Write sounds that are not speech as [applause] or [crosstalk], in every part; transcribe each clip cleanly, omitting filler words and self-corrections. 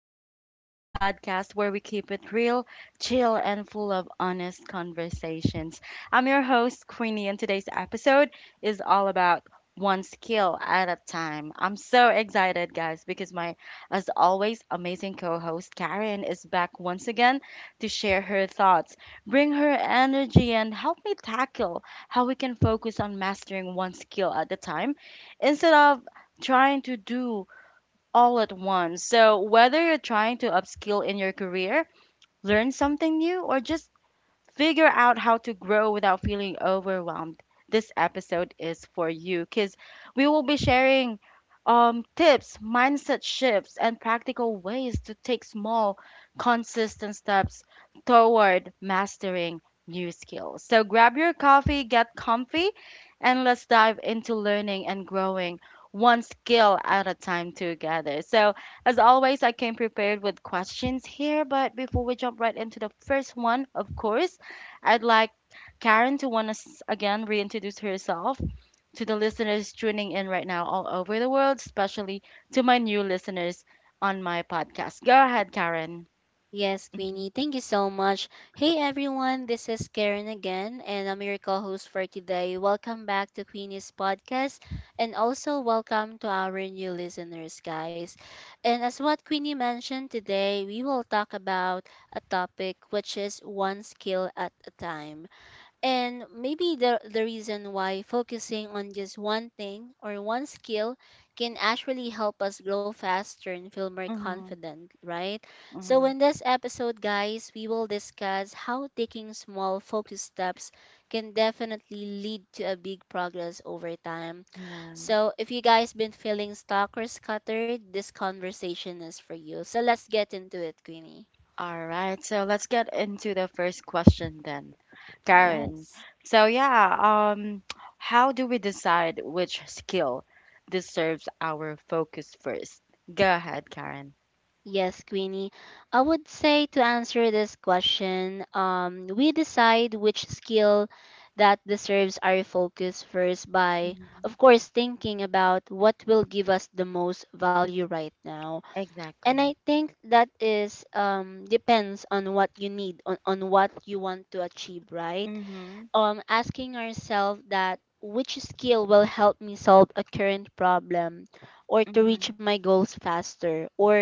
Queenie, the podcast where we keep it real, chill, and full of honest conversations. I'm your host, Queenie, and today's episode is all about one skill at a time. I'm so excited, guys, because my, as always, amazing co host Karen is back once again to share her thoughts, bring her energy, and help me tackle how we can focus on mastering one skill at a time instead of trying to do all at once. So, whether you're trying to upskill in your career, learn something new, or just figure out how to grow without feeling overwhelmed, this episode is for you because we will be sharing tips, mindset shifts, and practical ways to take small, consistent steps toward mastering new skills. So grab your coffee, get comfy, and let's dive into learning and growing one skill at a time together. So, as always, I came prepared with questions here, but before we jump right into the first one, of course, I'd like Karen to want to again reintroduce herself to the listeners tuning in right now all over the world, especially to my new listeners on my podcast. Go ahead, Karen. Yes, Mhm, Queenie, thank you so much. Hey everyone, this is Karen again, and I'm your co host for today. Welcome back to Queenie's podcast, and also welcome to our new listeners, guys. And as what Queenie mentioned today, we will talk about a topic which is one skill at a time. And maybe the reason why focusing on just one thing or one skill can actually help us grow faster and feel more mhm, confident, right? So, mhm. in this episode, guys, we will discuss how taking small focus steps can definitely lead to a big progress over time. Yeah. So, if you guys been feeling stuck or scattered, this conversation is for you. So, let's get into it, Queenie. All right. So let's get into the first question then, Karen. Yes. So yeah, how do we decide which skill deserves our focus first? Go ahead, Karen. Yes, Queenie. I would say to answer this question, we decide which skill that deserves our focus first by, of Mhm. course, thinking about what will give us the most value right now. And I Exactly. think that is depends on what you need, on what you want to achieve, right? Mm-hmm. Asking ourselves that which skill will help me solve a current problem or to reach Mm-hmm. my goals faster, or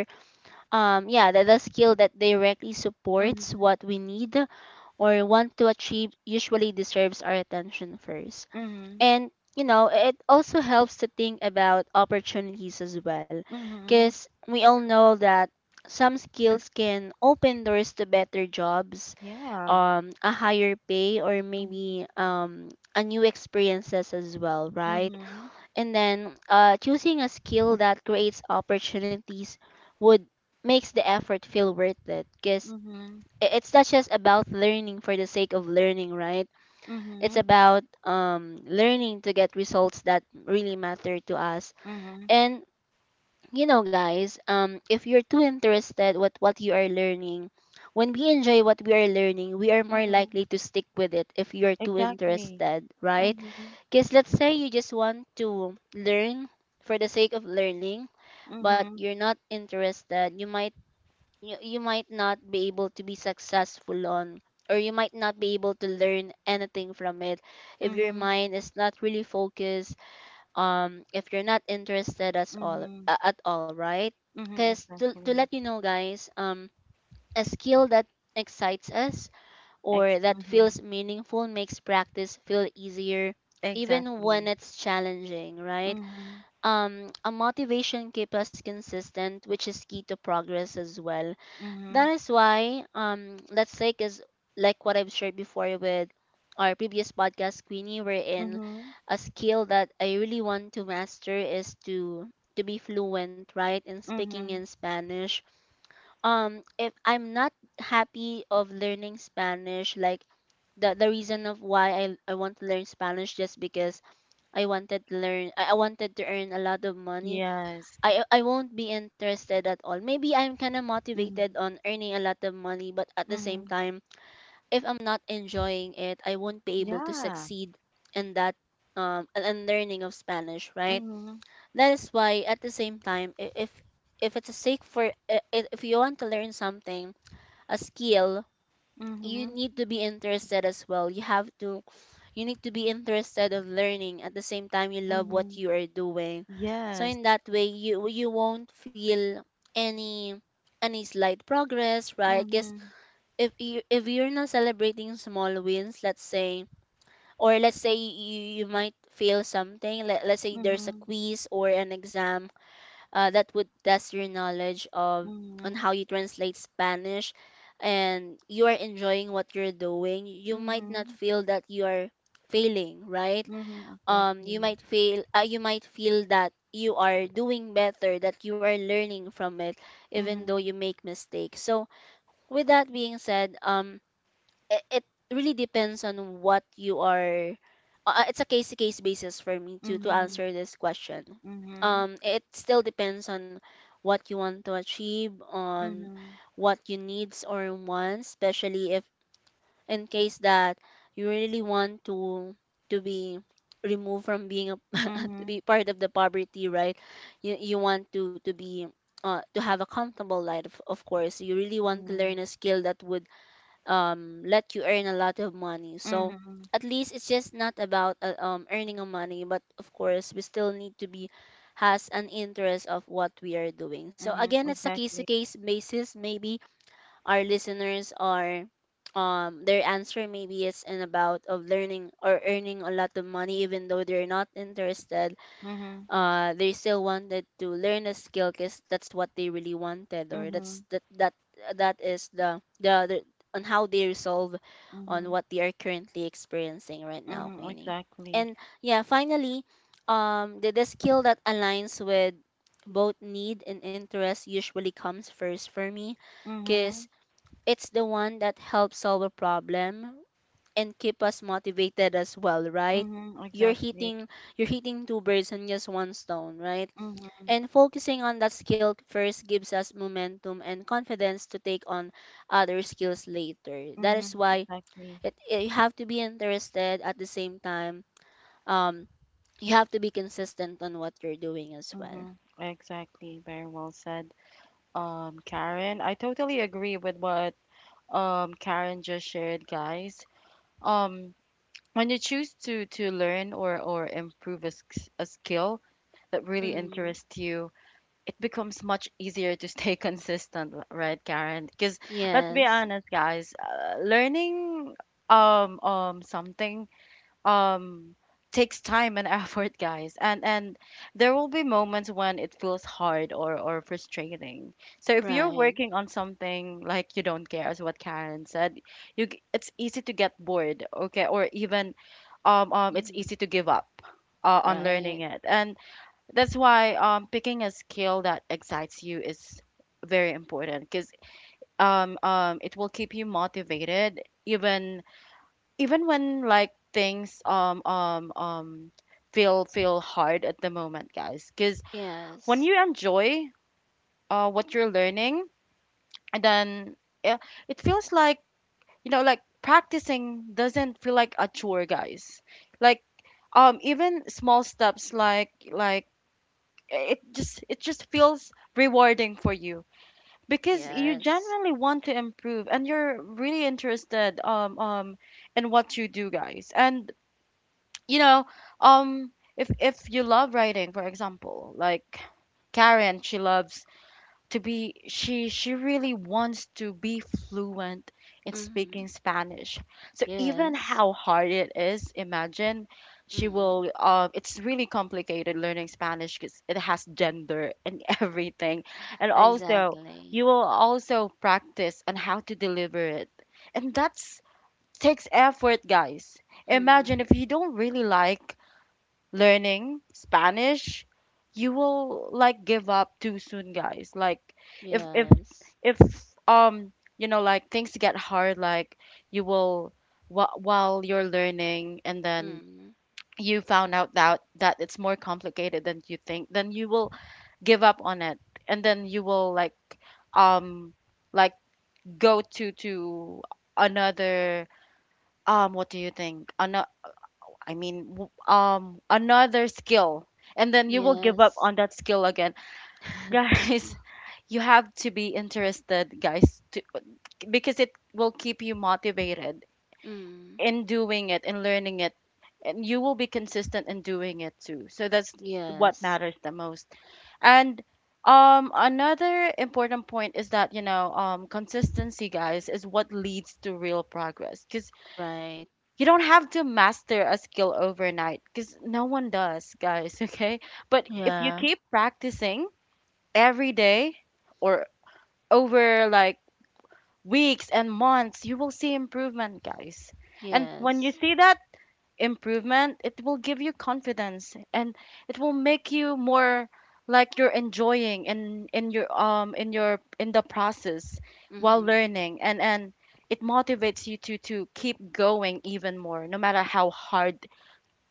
the skill that directly supports Mhm, what we need or want to achieve usually deserves our attention first. mhm, And you know, it also helps to think about opportunities as well, mhm. because we all know that some skills can open doors to better jobs, Yeah. A higher pay, or Mhm, maybe a new experiences as well, right? mhm, And then choosing a skill that creates opportunities would makes the effort feel worth it, because mhm, it's not just about learning for the sake of learning, right? It's mhm, about learning to get results that really matter to us. mhm, And you know guys, if you're too interested with what you are learning, when we enjoy what we are learning we are more mhm. likely to stick with it if you're too Exactly. interested, right? Mhm, Because let's say you just want to learn for the sake of learning, but mhm, you're not interested. You might, you might not be able to be successful on, or you might not be able to learn anything from it if your mhm, mind is not really focused, if you're not interested as all mhm, at all, right? mhm. Because to Exactly. let you know guys, a skill that excites us Ex. or that Mhm. feels meaningful makes practice feel easier even when Exactly. it's challenging, right? Mhm, A motivation keeps us consistent, which is key to progress as well. That mhm, is why, Let's Take is, like what I've shared before with our previous podcast Queenie, wherein mhm, a skill that I really want to master is to be fluent, right, in speaking in mhm. Spanish. If I'm not happy of learning Spanish, like the reason of why I want to learn Spanish just because I wanted to learn, I wanted to earn a lot of money, Yes. I won't be interested at all. Maybe I'm kind of motivated Mhm, on earning a lot of money, but at the same mhm. time, if I'm not enjoying it, I won't be able to Yeah. succeed in that, and learning of Spanish, right? Mhm, That is why at the same time, if if it's a sake for if you want to learn something, a skill, you mhm, need to be interested as well. You have to, you need to be interested of learning at the same time you love what mhm. you are doing. So Yes. in that way you won't feel any any slight progress, right? Because Mhm, if you, if you're not celebrating small wins, let's say, or let's say you might fail something, let's say there's a mhm, quiz or an exam that would test your knowledge of, on mhm, how you translate Spanish, and you are enjoying what you're doing, you might not mhm, feel that you are failing, right? mhm. You Exactly. might feel you might feel that you are doing better, that you are learning from it even though you Mhm, make mistakes. So with that being said, it, it really depends on what you are, it's a case to case basis for me to mhm, answer this question. mhm, It still depends on what you want to achieve, on mhm, what you needs or wants, especially if in case that you really want to be removed from being a, to mhm, be part of the poverty, right? You want to be to have a comfortable life, of course. You really want to mhm, learn a skill that would let you earn a lot of money. So mhm, at least it's just not about earning a money, but of course we still need to be has an interest of what we are doing. So mhm, again, it's a case to exactly. case basis. Maybe our listeners are, their answer maybe is in about of learning or earning a lot of money even though they're not interested, Mhm, they still wanted to learn a skill because that's what they really wanted, or that's mhm, that that is the on how they resolve, on mhm, what they are currently experiencing right now, mhm, Queenie. exactly. And yeah, finally, the skill that aligns with both need and interest usually comes first for me, because Mhm, it's the one that helps solve a problem and keep us motivated as well, right? mhm, You're exactly. hitting, you're hitting two birds and just one stone, right? Mhm, And focusing on that skill first gives us momentum and confidence to take on other skills later. That is mhm, why exactly. it, it- you have to be interested at the same time. Um, you have to be consistent on what you're doing as well. Mhm, exactly. Very well said, Karen. I totally agree with what Karen just shared, guys. Um, when you choose to learn or improve a skill that really Mm. interests you, it becomes much easier to stay [laughs] consistent, right, Karen? Because let's Yes. be honest, guys, learning something um takes time and [laughs] effort, guys, and there will be moments when it feels hard or frustrating. So if you're Right. working on something like you don't care, as what Karen said, it's easy to get bored, okay, or even it's Mm. easy to give up on Right. learning it, and that's why, picking a skill that excites you is very important because, it will keep you motivated even when, like, things, feel hard at the moment, guys. Because Yes. when you enjoy what you're learning, and then it, it feels like, you know, like practicing doesn't feel like a chore, guys. Like, even small steps like it just feels rewarding for you because you Yes. genuinely want to improve and you're really interested in what you do, guys. And you know, um if you love writing, for example, like Karen, she loves to be, she really wants to be fluent in Mm. speaking Spanish. So even Yes. how hard it is, imagine, she Mm. will it's really complicated learning Spanish because it has gender and [laughs] everything. And also, Exactly. you will also practice on how to deliver it. And that's takes effort, guys. Mm. Imagine if you don't really like learning Spanish, you will like give up too soon, guys. Like if Yes. if um you know, like, things get hard, like, you will while you're learning, and then Mm. you found out that it's more complicated than you think, then you will give up on it, and then you will like, um like go to another, what do you think? I mean, another skill, and then you will give up Yes. on that skill again, [laughs] [laughs] guys. You have to be interested, guys, to, because it will keep you motivated Mm. in doing it, in learning it, and you will be consistent in doing it too. So that's what Yes. matters the most. And another important point is that, you know, consistency, guys, is what leads to real progress. Because Right. you don't have to master a skill overnight because no one does, guys, [laughs] okay? But if you Yeah. keep practicing every day or over like weeks and months, you will see improvement, guys. And when you Yes. see that improvement, it will give you confidence, and it will make you more like you're enjoying in your in the process while Mm-hmm. learning, and it motivates you to keep going even more no matter how hard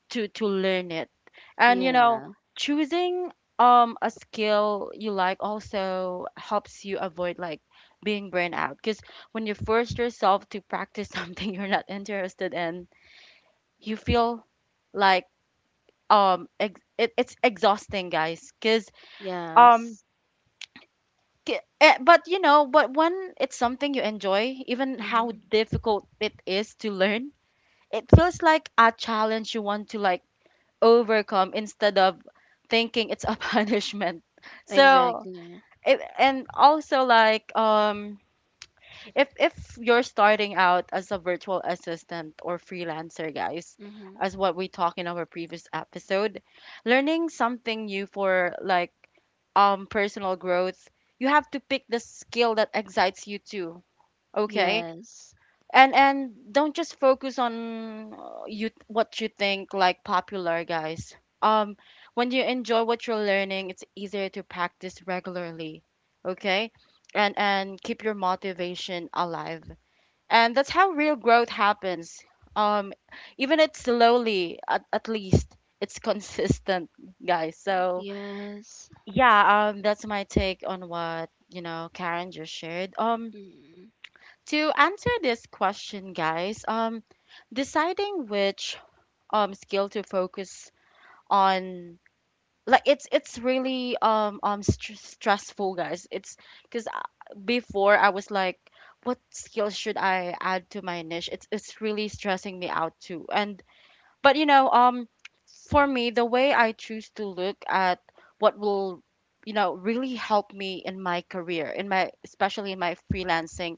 to learn it. And you know, Yeah. choosing a skill you like also helps you avoid like being burned out, because when you force yourself to practice [laughs] something you're not interested in, you feel like, it, it's exhausting, guys. Because Yes. um but you know, but when it's something you enjoy, even how Mm-hmm. difficult it is to learn, it feels like a challenge you want to like overcome instead of thinking it's a [laughs] punishment. So Exactly. it, and also like, if you're starting out as a virtual assistant or freelancer, guys, Mm-hmm. as what we talked in our previous episode, learning something new for like personal growth, you have to pick the skill that excites you too, okay. Yes. And don't just focus on you what you think like popular, guys. um when you enjoy what you're learning, it's easier to practice regularly, okay. And keep your motivation alive, and that's how real growth happens, um even it's slowly, at least it's [laughs] consistent, guys. So Yes. yeah, that's my take on what, you know, Karen just shared. Mm-hmm. To answer this question, guys, deciding which skill to focus on, like, it's really stressful, guys. It's because before I was like, what skill should I add to my niche? It's really stressing me out too. And but you know, for me, the way I choose to look at what will, you know, really help me in my career, in my especially in my freelancing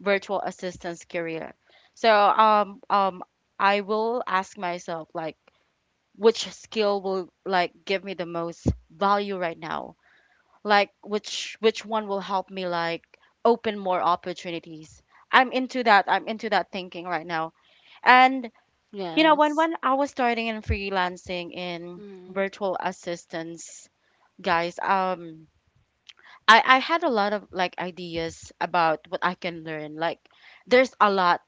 virtual assistance career. So, I will ask myself like which skill will like give me the most value right now? Like which one will help me like open more opportunities? I'm into that. I'm into that thinking right now. And you know, Yes. when I was starting in freelancing in Mm-hmm. virtual assistants, guys, I had a lot of like ideas about what I can learn. Like, there's a lot.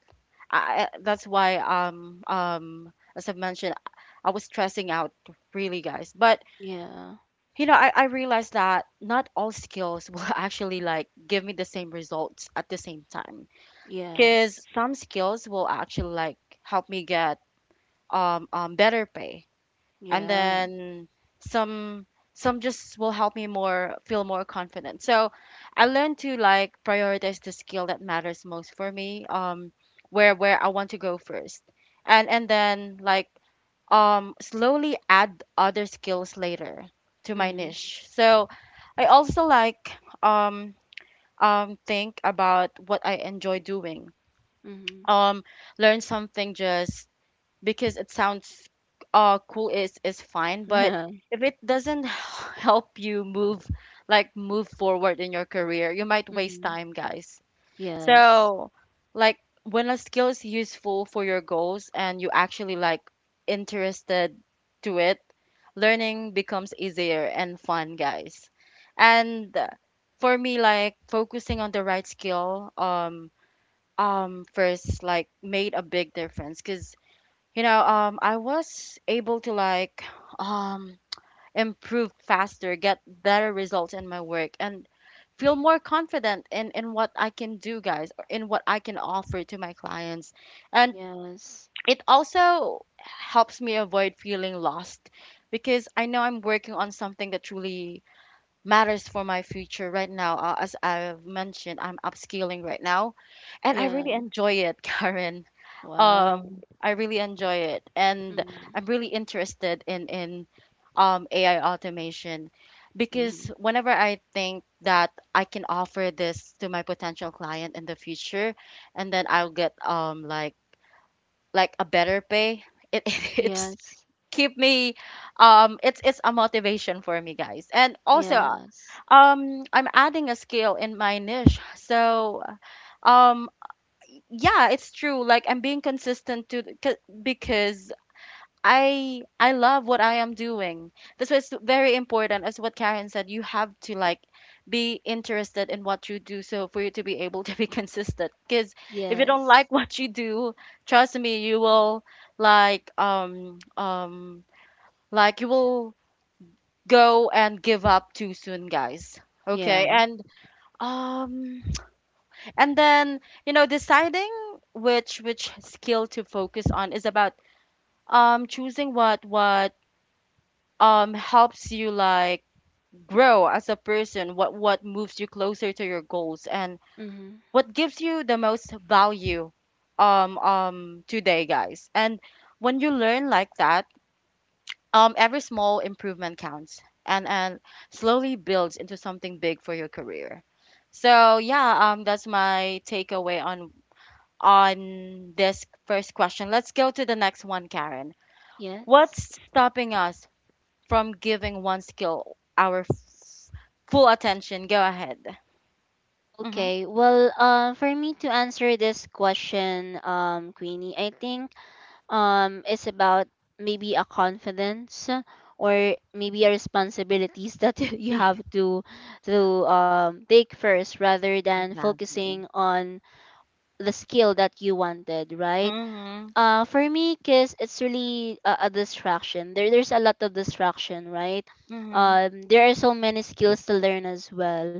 That's why as I've mentioned, I was stressing out really, guys. But Yeah. you know, I realized that not all skills will [laughs] actually like give me the same results at the same time. Yes. Cause some skills will actually like help me get better pay, and Yeah. then some just will help me more feel more confident. So I learned to like prioritize the skill that matters most for me, where I want to go first, and then like slowly add other skills later to my Mm-hmm. niche. So I also like um think about what I enjoy doing, Mm-hmm. [laughs] um learn something just because it sounds cool is fine, but Yeah. if it doesn't [laughs] [sighs] help you move like move forward in your career, you might waste Mm-hmm. time, guys. Yes. So like when a skill is useful for your goals and you actually like interested to it, learning becomes easier and fun, guys. And for me like focusing on the right skill first like made a big difference because, you know, I was able to like um improve faster, get better results in my work, and feel more confident in what I can do, guys, or in what I can offer to my clients. And Yes. it also helps me avoid feeling lost because I know I'm working on something that truly matters for my future right now. As I've mentioned, I'm upscaling right now, and I really Yeah. enjoy it, [laughs] Karen. Wow. I really enjoy it, and I'm Mm-hmm. really interested in AI automation because Mm-hmm. whenever I think that I can offer this to my potential client in the future, and then I'll get like a better pay, it [laughs] it's Yes. keep me it's a motivation for me, guys, and also, Yes. I'm adding a skill in my niche. So um yeah, it's true, like I'm being consistent to because I love what I am doing. That's why it's very important, as what Karen said, you have to like be interested in what you do so for you to be able to be [laughs] consistent. Because if you don't Yes. like what you do, trust me, you will like um um like you will go and give up too soon, guys. Okay. Yeah. And um and then, you know, deciding which skill to focus on is about choosing what helps you like grow as a person, what moves you closer to your goals, and Mm-hmm. what gives you the most value today, guys. And when you learn like that, every small improvement counts and slowly builds into something big for your career. So yeah, that's my takeaway on this first question. Let's go to the next one, Karen. Yes. What's stopping us from giving one skill our full attention? Go ahead. Mm-hmm. Okay, well, for me to answer this question, Queenie, I think it's about maybe a confidence or maybe a responsibilities that [laughs] you have [laughs] to take first rather than Exactly. focusing on the skill that you wanted, right? Mm-hmm. For me, because it's really a distraction. There, there's a lot of distraction, right? Mm-hmm. There are so many skills to learn as well.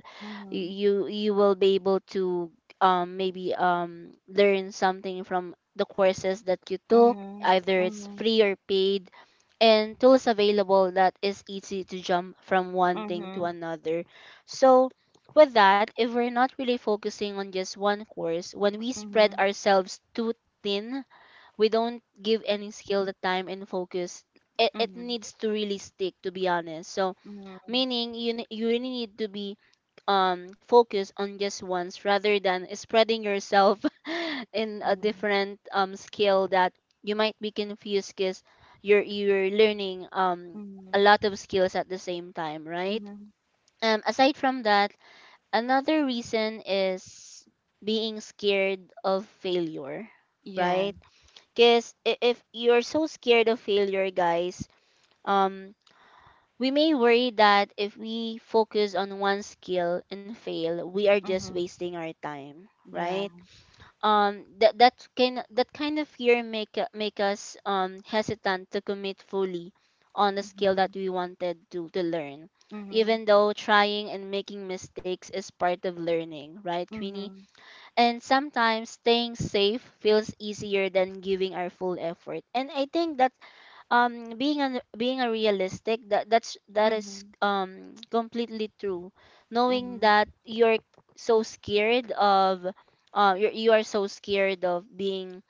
Y- Mm-hmm. You will be able to maybe learn something from the courses that you took, Mm-hmm. either it's Mm-hmm. free or paid, and tools available that is easy to jump from one thing Mm-hmm. to another. So with that, if we're not really focusing on just one course, when we spread Mm-hmm. ourselves too thin, we don't give any skill the time and focus it, it Mm-hmm. needs to really stick, to be honest. So meaning you ne- you really need to be focused on just once rather than spreading yourself [laughs] in a Mm-hmm. different skill that you might be confused because you're learning Mm-hmm. a lot of skills at the same time, right? Mm-hmm. Aside from that, another reason is being scared of failure, Yeah. right? Because if you're so scared of failure, guys, um, we may worry that if we focus on one skill and fail, we are just Mm-hmm. wasting our time, Yeah. right? That that can that kind of fear make u- make us hesitant to commit fully on the skill Mm-hmm. that we wanted to learn, Mm-hmm. even though trying and making mistakes is part of learning, right, Mm-hmm. Queenie? Mm-hmm. And sometimes staying safe feels easier than giving our full effort. And I think that being an being a realistic, that that's that is Mm-hmm. Completely true. Knowing that you're so scared of you you are so scared of being,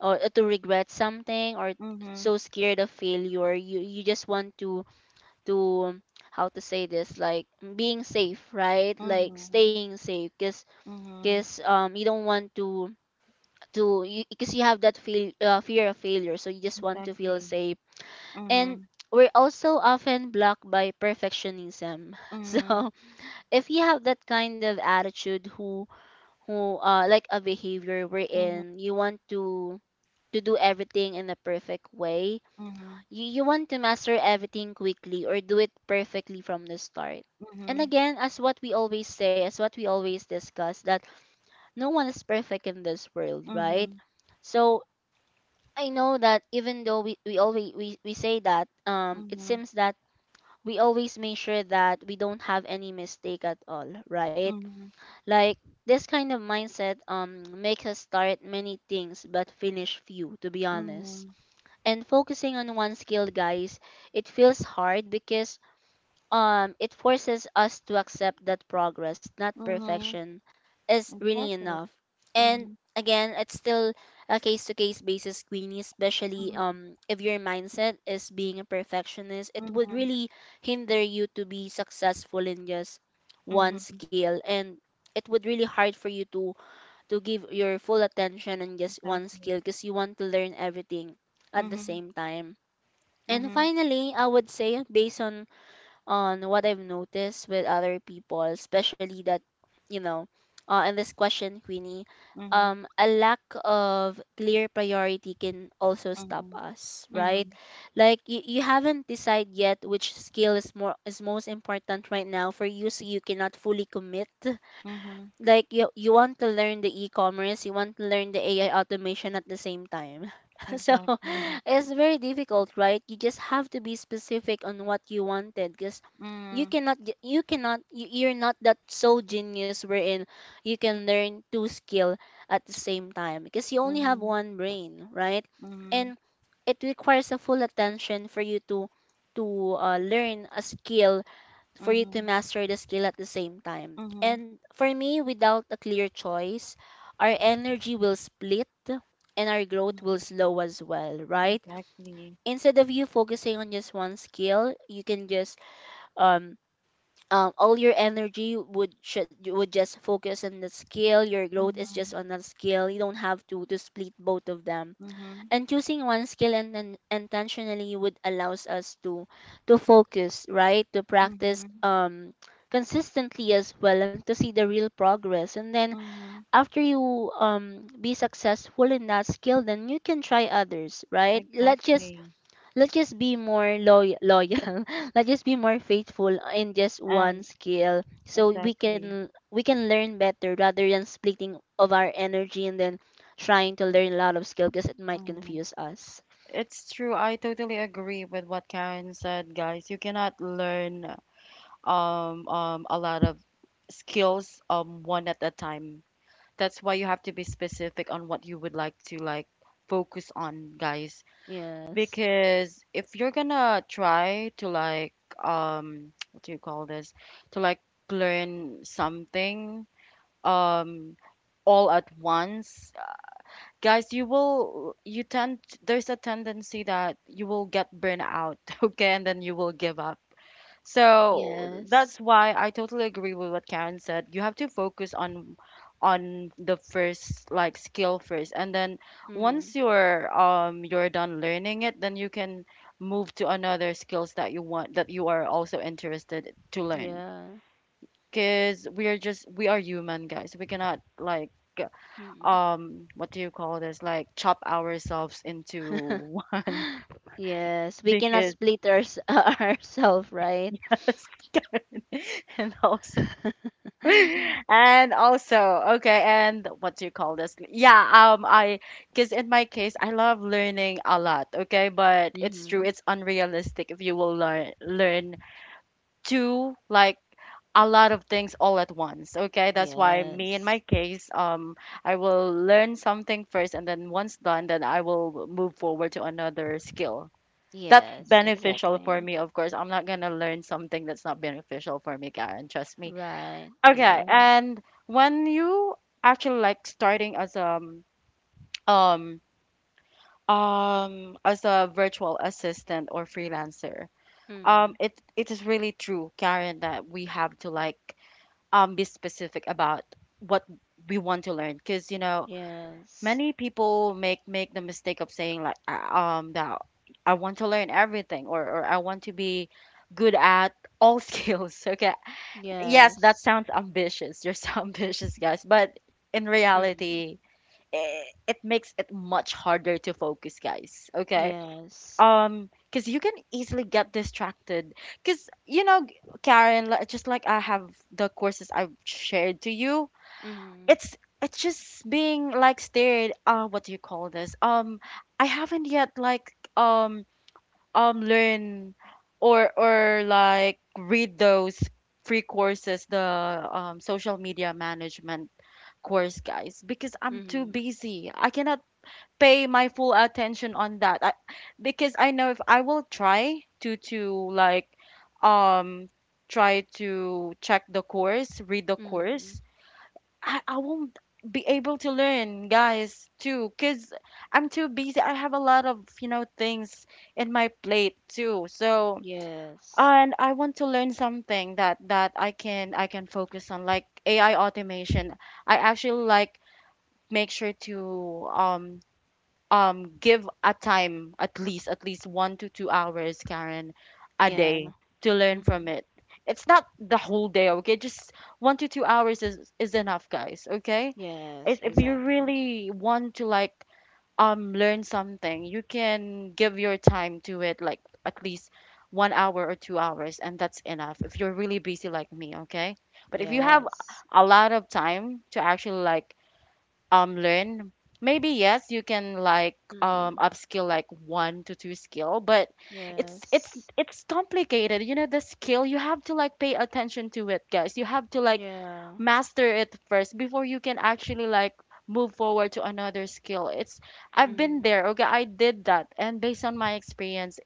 or to regret something, or Mm-hmm. so scared of failure, you just want to how to say this, like being safe, right, like Mm-hmm. staying safe. because Mm-hmm. because you don't want to you, because you have that feel, fear of failure, so you just want to feel Exactly. safe. And Mhm, we're also often blocked by perfectionism. [laughs] So mhm, if you have that kind of attitude, who like a behavior mhm, wherein you want to do everything in a perfect way, mhm, you want to master everything quickly or do it perfectly from the start. And mhm, again, as what we always say, as what we always discuss, that no one is perfect in this world, mhm, right? mhm, So I know that even though we always we say that, it mhm, seems that we always make sure that we don't have any mistake at all, right? Like this kind of mindset makes us start many things but finish few, to be honest. mhm, And focusing on one skill, guys, it feels hard because it forces us to accept that progress, not mhm, perfection, is really exactly. enough. And Mhm, again, it's still a case to case basis, Queenie. Especially mhm, if your mindset is being a perfectionist, it would mhm, really hinder you to be successful in just one mhm, skill, and it would really hard for you to give your full attention on just one exactly. skill because you want to learn everything at the Mhm, same time. And mhm, finally, I would say based on what I've noticed with other people, especially you know, in this question, Queenie, mhm, a lack of clear priority can also stop mhm, us, right? mhm, Like you haven't decided yet which skill is most important right now for you, so you cannot fully commit. mhm, Like you want to learn the e-commerce, you want to learn the AI automation at the same time. [laughs] So exactly. it's very difficult, right? You just have to be specific on what you wanted because Mhm, you cannot you're not that so genius wherein you can learn two skill at the same time because you only have mhm, one brain, right? mhm, And it requires a full attention for you to learn a skill for you to mhm, master the skill at the same time. mhm, And for me, without a clear choice, our energy will split and our growth will mhm, slow as well, right? exactly. Instead of you focusing on just one skill, you can just um all your energy would just focus on the skill. Your growth is just Mhm, on that skill. You don't have to split both of them. mhm, And choosing one skill and intentionally would allows us to focus, right? To practice mhm, consistently as well and to see the real progress. And then mhm, after you be successful in that skill, then you can try others, right? Let's just exactly. Be more loyal. [laughs] Let's just be more faithful in just one And skill, so we exactly. can learn better rather than splitting of our energy and then trying to learn a lot of skill because it might Mhm. confuse us. It's true. I totally agree with what Karen said, guys. You cannot learn a lot of skills, one at a time. That's why you have to be specific on what you would like to like focus on, guys. Yes. Because if you're gonna try to like [tsk] what do you call this? To like learn something um, all at once, guys, you will you tend there's a tendency that you will get burned out. [laughs] Okay, and then you will give up. So Yes. that's why I totally agree with what Karen said. You have to focus on the first like skill first, and then Mm. once you're done learning it, then you can move to another skills that you want, that you are also interested to learn. Yeah. Because we are human, guys. We cannot like Mm. What do you call this, like chop ourselves into [laughs] one Yes, we cannot because split our, [laughs] ourselves, right? [laughs] and also [laughs] and also. Okay, and what do you call this? Yeah, I because in my case, I love learning a lot. Okay, but it's true, Mm-hmm. it's unrealistic if you will learn do like a lot of things all at once. Okay, that's why me, in Yes. my case, I will learn something first, and then once done, then I will move forward to another skill. That's Yes, beneficial for exactly. me, of course. I'm not gonna learn something that's not beneficial for me, Karen. Trust me. Right. Okay, Yeah. and when you actually like starting um as a virtual assistant or freelancer, Mm. it it is really true, Karen, that we have to like be specific about what we want to learn. Because you know, Yes. many people make the mistake of saying like that I want to learn everything, or I want to be good at all [laughs] skills. Okay. Yes. Yes, that sounds ambitious. You're so [laughs] ambitious, guys, but in Mm-hmm. reality, it makes it much harder to focus, guys. Okay? Yes. Cuz you can easily get distracted, cuz you know, Karen, just like I have the courses I've shared to you, Mm-hmm. it's just being like stared. What do you call this? I haven't yet like learn or like read those free courses, the social media management course, guys, because I'm too Mm-hmm. busy. I cannot pay my full attention on that. Because I know if I will try to like um try to check the course, read the Mm-hmm. course, I won't be able to learn, guys, too, because I'm too busy. I have a lot of, you know, things in my plate too. So, Yes. and I want to learn something that I can focus on, like AI automation. I actually like make sure to give a time, at least 1 to 2 hours, Karen, a Yeah. day, to learn Mm-hmm. from it. It's not the whole day. Okay, just 1 to 2 hours is enough, guys. Okay, Yes, if you exactly. really want to like learn something, you can give your time to it, like at least 1 hour or 2 hours, and that's enough if you're really busy like me. Okay, but if you have Yes. a lot of time to actually like learn, maybe yes, you can like Mm-hmm. upskill, like one to two skill. But it's it's Yes. it's complicated, you know, the skill, you have to like pay attention to it, guys. You have to like Yeah. master it first before you can actually like move forward to another skill. It's I've been Mm-hmm. there. Okay, I did that, and based on my experience,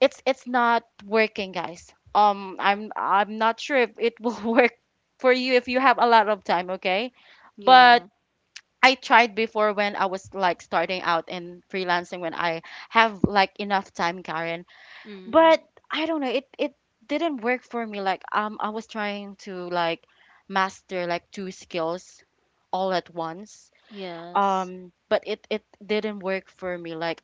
it's not working, guys. I'm not sure if it will [laughs] work for you if you have a lot of time. Okay, Yeah. but I tried before when I was like starting out in freelancing, when I have like enough time, Karen. Mm-hmm. But I don't know, it didn't work for me. Like I was trying to like master like two skills all at once. Yes. But it didn't work for me. Like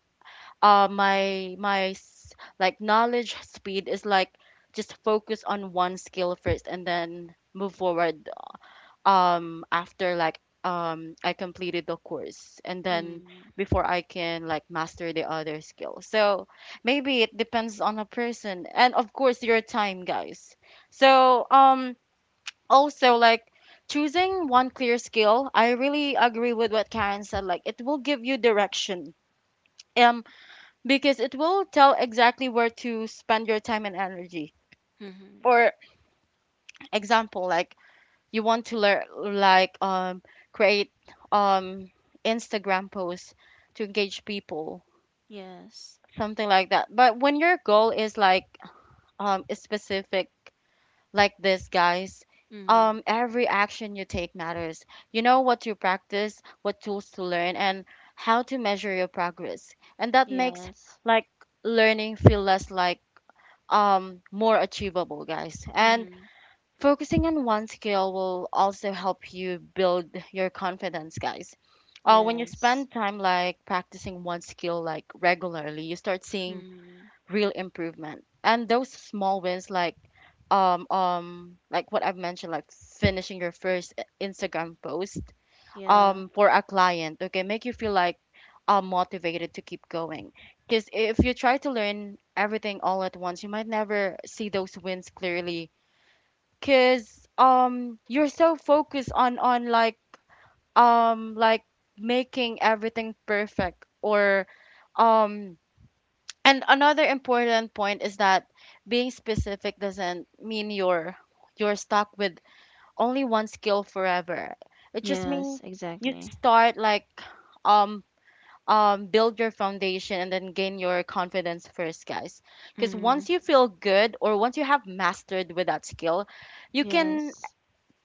uh my my s- like, knowledge speed is like just focus on one skill first and then move forward after like I completed the course, and then Mm-hmm. before I can like master the other skill. So maybe it depends on a person, and of course your time, guys. So also like choosing one clear skill, I really agree with what Karen said, like it will give you direction. Um because it will tell exactly where to spend your time and energy. Mm-hmm. For example, like you want to learn like create um Instagram posts to engage people, Yes. something like that. But when your goal is like is specific like this, guys, Mm-hmm. Every action you take matters. You know what you practice, what tools to learn, and how to measure your progress. And that makes Yes. like learning feel less like more achievable, guys. And Mm-hmm. focusing on one skill will also help you build your confidence, guys. When you Yes. spend time like practicing one skill like regularly, you start seeing Mm-hmm. real improvement. And those small wins like what I've mentioned, like finishing your first Instagram post Yeah. For a client, okay, make you feel like motivated to keep going. Because if you try to learn everything all at once, you might never see those wins clearly. Cause you're so focused on like making everything perfect or um and another important point is that being specific doesn't mean you're stuck with only one skill forever. It just Yes, means you exactly. start like um build your foundation and then gain your confidence first, guys. Because Mm-hmm. once you feel good, or once you have mastered with that skill, you Yes. can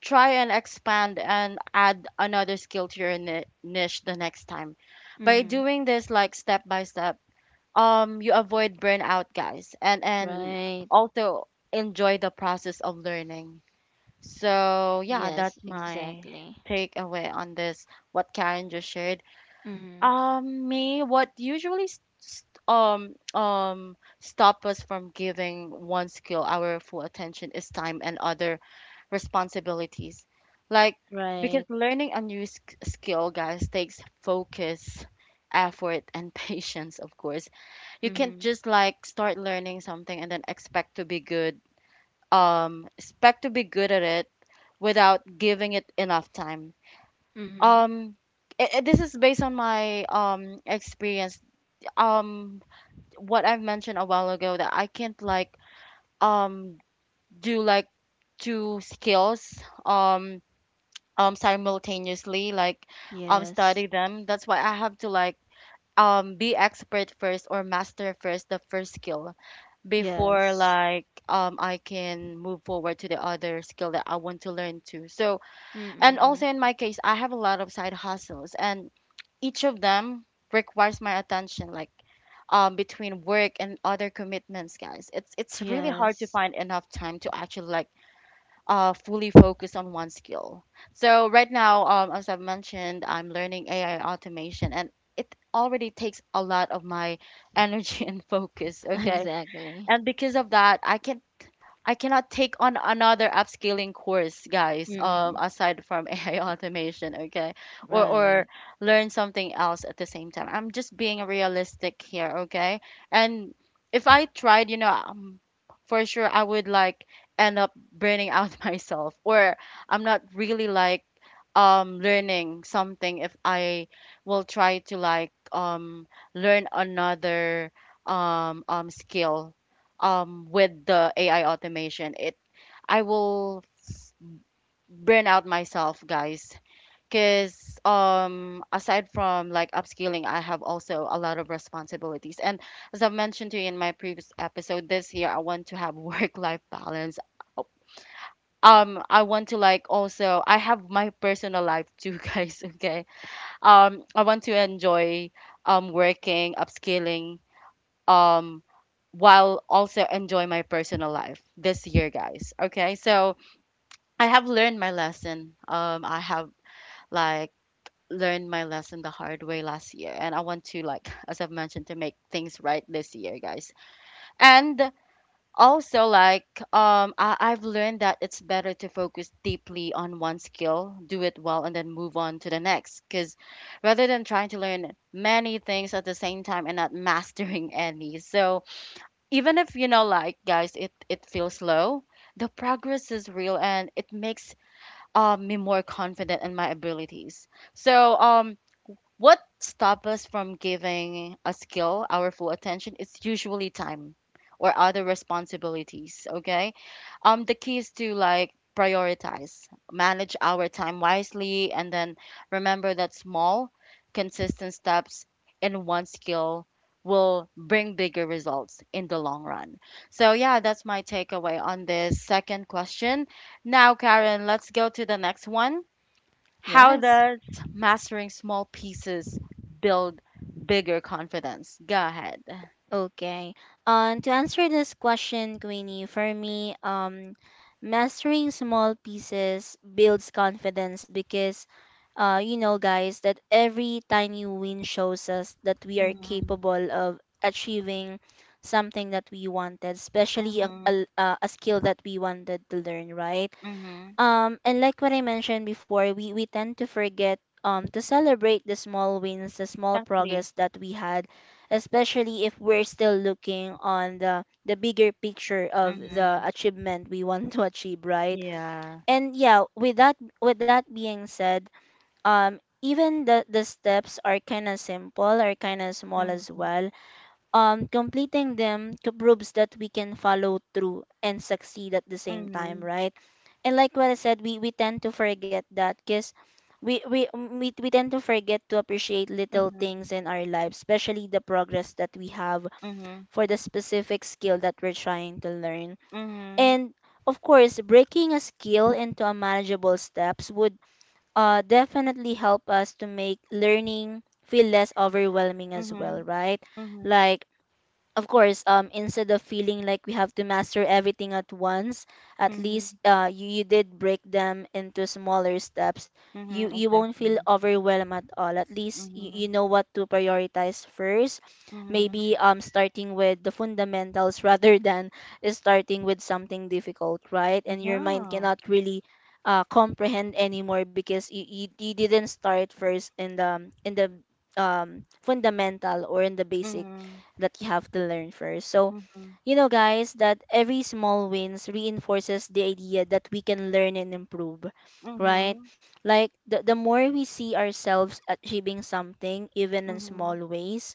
try and expand and add another skill to your niche the next time. By Mm-hmm. doing this like step by step, you avoid burnout, guys. And Right. also enjoy the process of learning. So Yeah, yeah, that's my exactly. takeaway on this, what Karen just shared. Mm-hmm. Me, what usually stop us from giving one skill our full attention is time and other responsibilities. Like, Right. because learning a new skill, guys, takes focus, effort, and [laughs] patience, of course. You can't Mm-hmm. just like start learning something and then expect to be good, at it without giving it enough time. Mm-hmm. Um, this is based on my experience. Um, what I've mentioned a while ago, that I can't like um do like two skills um simultaneously, like Yeah. study them. That's why I have to like be expert first or master first the first skill before Yes. like I can move forward to the other skill that I want to learn to. So, and Mm-mm. also in my case, I have a lot of side hustles, and each of them requires my attention, like between work and other commitments, guys. It's really hard to Yes. find enough time to actually like fully focus on one skill. So right now, as I've mentioned, I'm learning AI automation, and it already takes a lot of my energy [laughs] and focus. [laughs] Okay, Exactly. and because of that, I cannot take on another upskilling course, guys, Mm-mm. aside from [laughs] AI automation. Okay? Or Right. learn something else at the same time. I'm just being realistic here. Okay? And if I tried, you know, for sure I would like end up burning out [laughs] myself. Or I'm not really like learning something if I will try to like learn another skill with the AI automation, it I will s- burn out myself, guys. Because aside from like upskilling, I have also a lot of responsibilities. And as I've mentioned to you in my previous episode, this year I want to have [laughs] work-life balance. I want to like also I have my personal life too, [laughs] guys. Okay. I want to enjoy working, upskilling, um while also enjoy my personal life this year, guys. Okay. So I have learned my lesson. I have like learned my lesson the hard way last year, and I want to, like, [laughs] as I've mentioned, to make things right this year, guys. And also like I've learned that it's better to focus deeply on one skill, do it well, and then move on to the next, because rather than trying to learn many things at the same time and not [laughs] mastering any. So even if like, guys, it feels slow, the progress is real, and it makes me more confident in my abilities. So what stops us from giving a skill our full attention is usually time or other responsibilities, okay? The key is to, like, prioritize, manage our time wisely, and then remember that small, consistent steps in one skill will bring bigger results in the long run. So, yeah, that's my takeaway on this second question. Now, Karen, let's go to the next one. How Yes. does mastering small pieces build bigger confidence? Go ahead. Okay. To answer this question, Queenie, for me, mastering small pieces builds confidence because, you know, guys, that every tiny win shows us that we are Mhm. capable of achieving something that we wanted, especially a, Mhm. a, a skill that we wanted to learn, right? Mhm. And like what I mentioned before, we tend to forget to celebrate the small wins, the small Exactly. progress that we had, especially if we're still looking on the bigger picture of the Mhm. achievement we [laughs] want to achieve, right? Yeah. And yeah, with that being said, even the steps are kind of simple, are kind of small as Mhm. well, proves that we can follow through and succeed at the same time, Mhm. right? And like what I said, we tend to forget that because we tend to forget to appreciate little Mhm. things in our lives, especially the progress that we have Mhm. for the specific skill that we're trying to learn. Mhm. And of course, breaking a skill into a manageable steps would definitely help us to make learning feel less overwhelming as well, right? Mhm. Mhm. Like of course instead of feeling like we have to master everything at once, at least Mhm. You did break them into smaller steps. you Mhm. you won't feel Exactly. overwhelmed at all. At least you Mhm. know what to prioritize first, Mhm. maybe starting with the fundamentals [laughs] rather than starting with something difficult, right? And your mind Yeah. cannot really comprehend anymore because you didn't start first in the fundamental or in the basic Mhm. that you have to learn first. So, Mhm. you know, guys, that every small wins reinforces the idea that we can learn and improve, right? Mhm. Like the more we see ourselves achieving something, even in small Mhm. ways,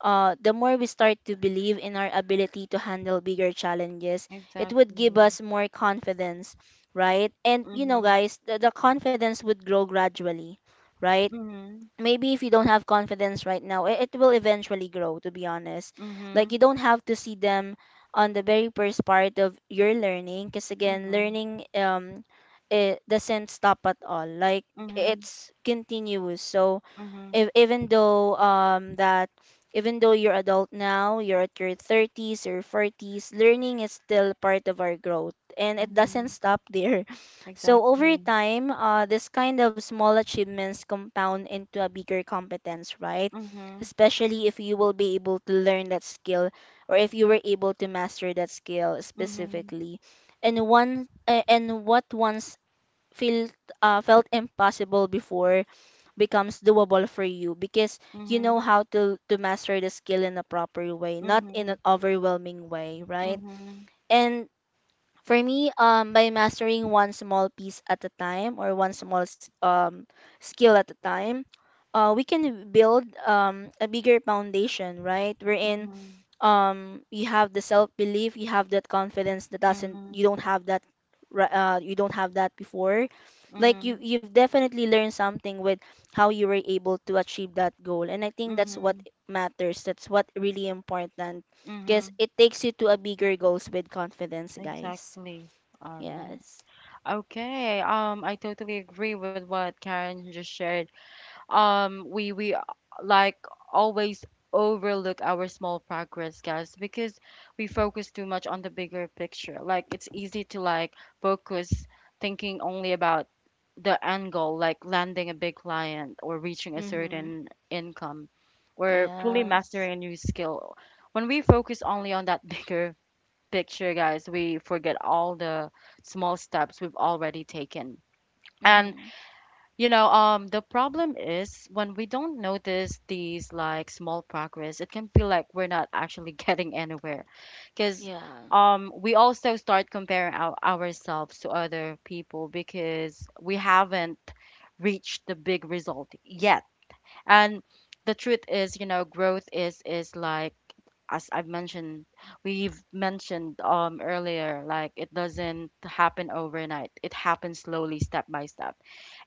the more we start to believe in our ability to handle bigger challenges. It would give Exactly. us more confidence, right? And you know, Mhm. guys, the confidence would grow gradually, right? Mhm. Maybe if you don't have confidence right now, it will eventually grow, to be honest. Like you Mhm. don't have to see them on the very first part of your learning because again, Mhm. learning it doesn't stop at all. Like Mhm. it's continuous. So Mhm. if, even though that even though you're adult now, you're at your thirties or forties, learning is still part of our growth and it doesn't Mhm. stop there. [laughs] So over Exactly. time, this kind of small achievements compound into a bigger competence, right? Mhm. Especially if you will be able to learn that skill or if you were able to master that skill Mhm. specifically. And what once felt felt impossible before becomes doable for you because you Mhm. know how to master the skill in a proper way, not in an Mhm. overwhelming way, right? Mhm. And for me, by mastering one small piece at a time or one skill at a time, we can build a bigger foundation, right? Wherein Mhm. You have the self belief, you have that confidence that doesn't you Mhm. don't have that you don't have that before. Like you, Mhm. you've definitely learned something with how you were able to achieve that goal, and I think that's what Mhm. matters. That's what really important because Mhm. it takes you to a bigger goals with confidence, guys. Exactly. All right. Yes. Okay. I totally agree with what Karen just shared. We like always overlook our small progress, guys, because we focus too much on the bigger picture. Like it's easy to, like, focus, thinking only about the end goal, like landing a big client or reaching a Mm-hmm. certain income or Yeah. fully mastering a new skill. When we focus only on that [laughs] bigger picture, guys, we forget all the small steps we've already taken. And Mm-hmm. you know, the problem is when we don't notice these, like, small progress, it can feel like we're not actually [laughs] getting anywhere, because Yeah. We also start comparing ourselves to other people because we haven't reached the big result yet. And the truth is, you know, growth is like, as I've mentioned, we've mentioned earlier, like, it doesn't happen overnight. It happens slowly, step by step.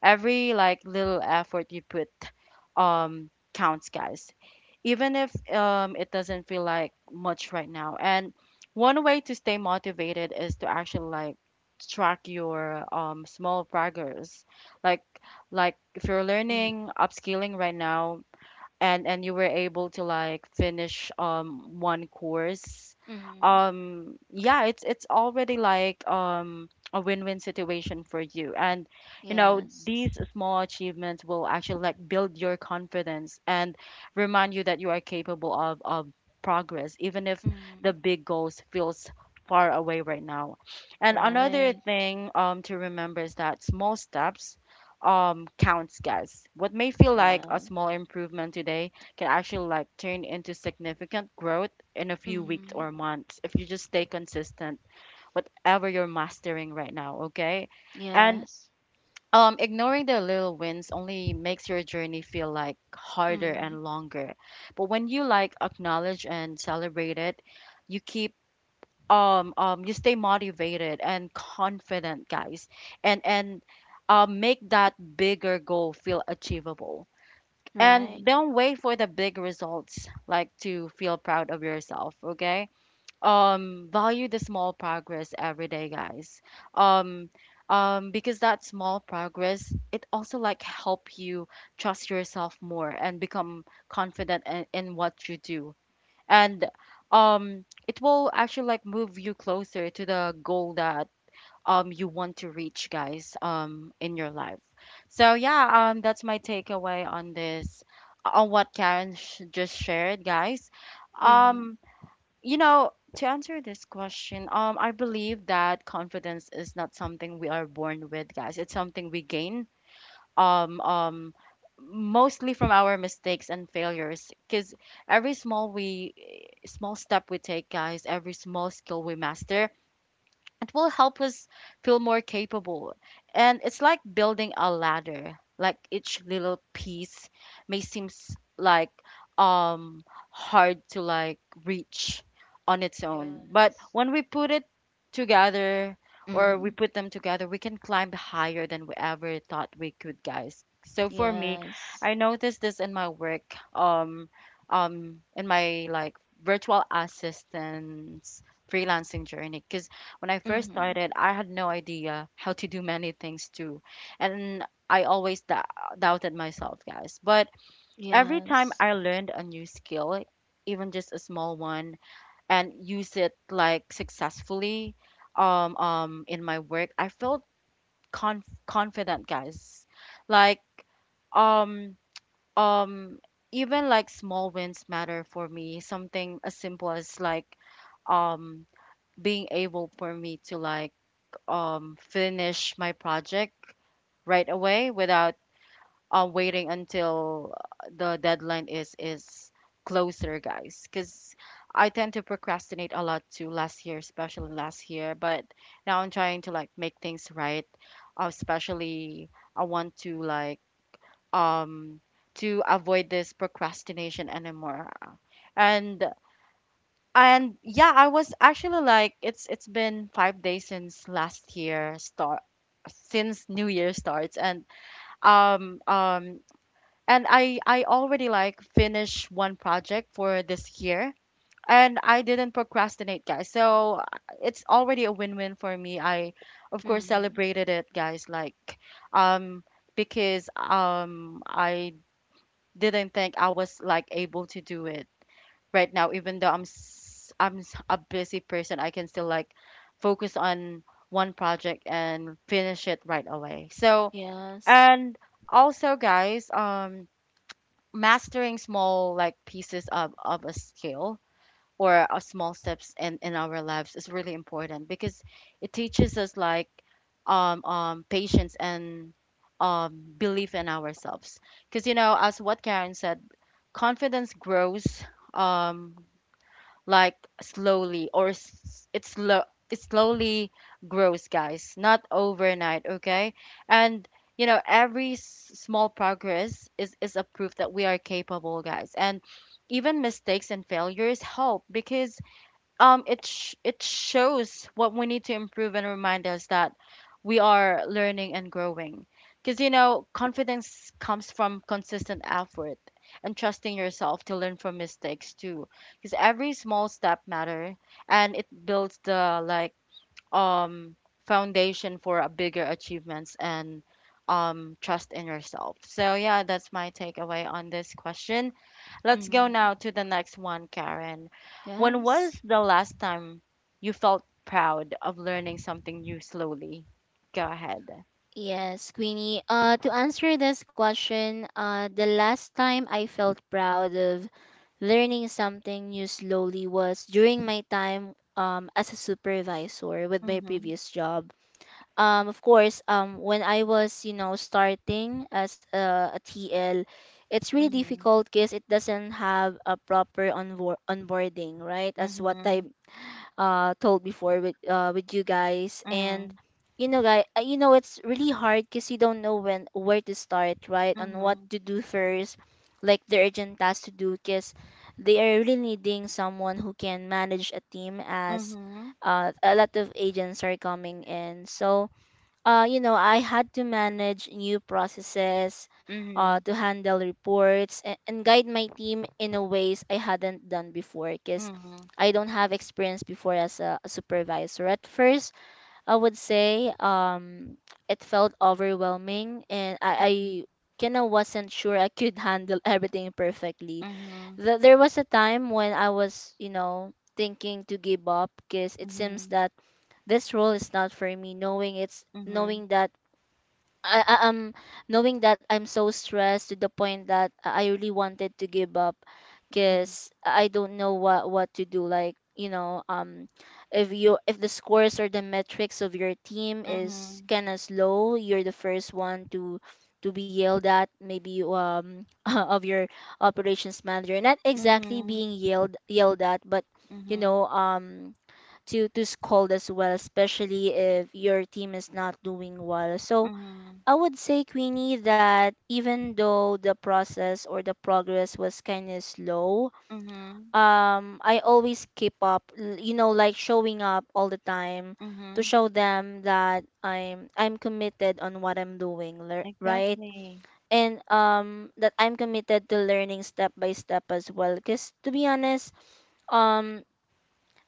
Every, like, little effort you put counts, guys, even if it doesn't feel like much right now. And one way to stay motivated is to actually, like, track your small progress, like like if you're learning upskilling right now, and you were able to, like, finish one course. Mm-hmm. Yeah, it's already, like, a win-win situation for you. And you know, Yes. these small achievements will actually, like, build your confidence and remind you that you are capable of progress, even if Mm-hmm. the big goals feels far away right now. And another Right. thing to remember is that small steps counts, guys. What may feel like Yeah. a small improvement today can actually, like, turn into significant growth in a few weeks Mm-hmm. or months if you just stay consistent whatever you're mastering right now, okay? And Yes. Ignoring the little wins only makes your journey feel, like, harder Mm-hmm. and longer. But when you, like, acknowledge and celebrate it, you keep you stay motivated and confident, guys. And make that bigger goal feel achievable. Right. And don't wait for the big results, like, to feel proud of yourself, okay? Value the small progress every day, guys. um because that small progress, it also, like, help you trust yourself more and become confident in what you do. And it will actually, like, move you closer to the goal that you want to reach, guys, in your life. So yeah, that's my takeaway on this, on what Karen just shared, guys. Mm-hmm. um you know, to answer this question, I believe that confidence is not something we are born with, guys. It's something we gain um, um, mostly from our mistakes and failures, because every small we small step we take, guys, every small skill we master, it will help us feel more capable. And it's like building a ladder. Like each little piece may seem like um hard to, like, reach on its own. But Yes. when we put it together, or we Mm-hmm. put them together, we can climb higher than we ever thought we could, guys. So for me, Yes. I noticed this in my work, in my, like, virtual assistants freelancing journey, because when I first Mm-hmm. started, I had no idea how to do many things too. And I always doubted myself, guys. But every Yes. time I learned a new skill, even just a small one, and use it, like, successfully in my work, I felt confident, guys. Like, um um even, like, small wins matter for me. Something as simple as, like, um being able for me to, like, finish my project right away without waiting until the deadline is closer, guys. Because I tend to procrastinate a lot too last year, especially last year. But now I'm trying to, like, make things right. Especially I want to, like, um to avoid this procrastination anymore. And and yeah, I was actually like, it's been 5 days since last year start, since New Year starts, um um and I already, like, finished one project for this year, and I didn't procrastinate, guys. So it's already a win-win for me. I, of course, Mm-hmm. celebrated it, guys, like, um because I didn't think I was, like, able to do it right now. Even though a busy person, I can still, like, focus on one project and finish it right away. So Yes. and also, guys, mastering small, like, pieces of a skill or a small steps in our lives is really important, because it teaches us, like, patience and belief in ourselves. Because, you know, as what Karen said, confidence grows, um like, slowly, or s- it's slow it slowly grows, guys, not overnight, okay? And you know, every small progress is a proof that we are capable, guys. And even mistakes and failures help, because it shows what we need to improve and remind us that we are learning and growing. Because you know, confidence comes from consistent effort and trusting yourself to learn from mistakes too, because every small step matter, and it builds the, like, um, foundation for a bigger achievements and trust in yourself. So yeah, that's my takeaway on this question. Let's go Mm-hmm. now to the next one, Karen. When was Yes. the last time you felt proud of learning something new slowly? Go ahead. Yes, Queenie. To answer this question, the last time I felt proud of learning something new slowly was during my time as a supervisor with my Mhm. previous job. Of course, when I was, you know, starting as a TL, it's really Mhm. difficult because it doesn't have a proper onboarding, right? As what I Mhm. Told before with you guys. And you know, it's really hard because you don't know when where to start, right, and what Mhm. to do first, like the urgent tasks to do, because they are really needing someone who can manage a team as, Mhm. A lot of agents are coming in. So you know, I had to manage new processes, Mhm. to handle reports and guide my team in a ways I hadn't done before because Mhm. I don't have experience before as a supervisor. At first, I would say it felt overwhelming, and I, Mhm. I kind of wasn't sure I could [laughs] handle everything perfectly. Mhm. There was a time when I was, you know, thinking to give up because it seems Mhm. that this role is not for me, knowing it's Mhm. knowing that I knowing that I'm so stressed to the point that I really wanted to give up Mhm. because I don't know what to do, like you know, if you if the scores or the metrics of your team Mhm. is Mhm. kind of slow, you're the first one to be yelled at, maybe, [laughs] of your operations manager, not exactly Mhm. being yelled at, but you know Mhm. To scold as well, especially if your team is not doing well. So Mhm, I would say, Queenie, that even though the process or the progress was kind of slow, mhm, I always keep up, you know, like showing up all the time to mhm. show them that I'm committed on what I'm doing, right? Exactly. And that I'm committed to learning step by step as well. Because to be honest, um,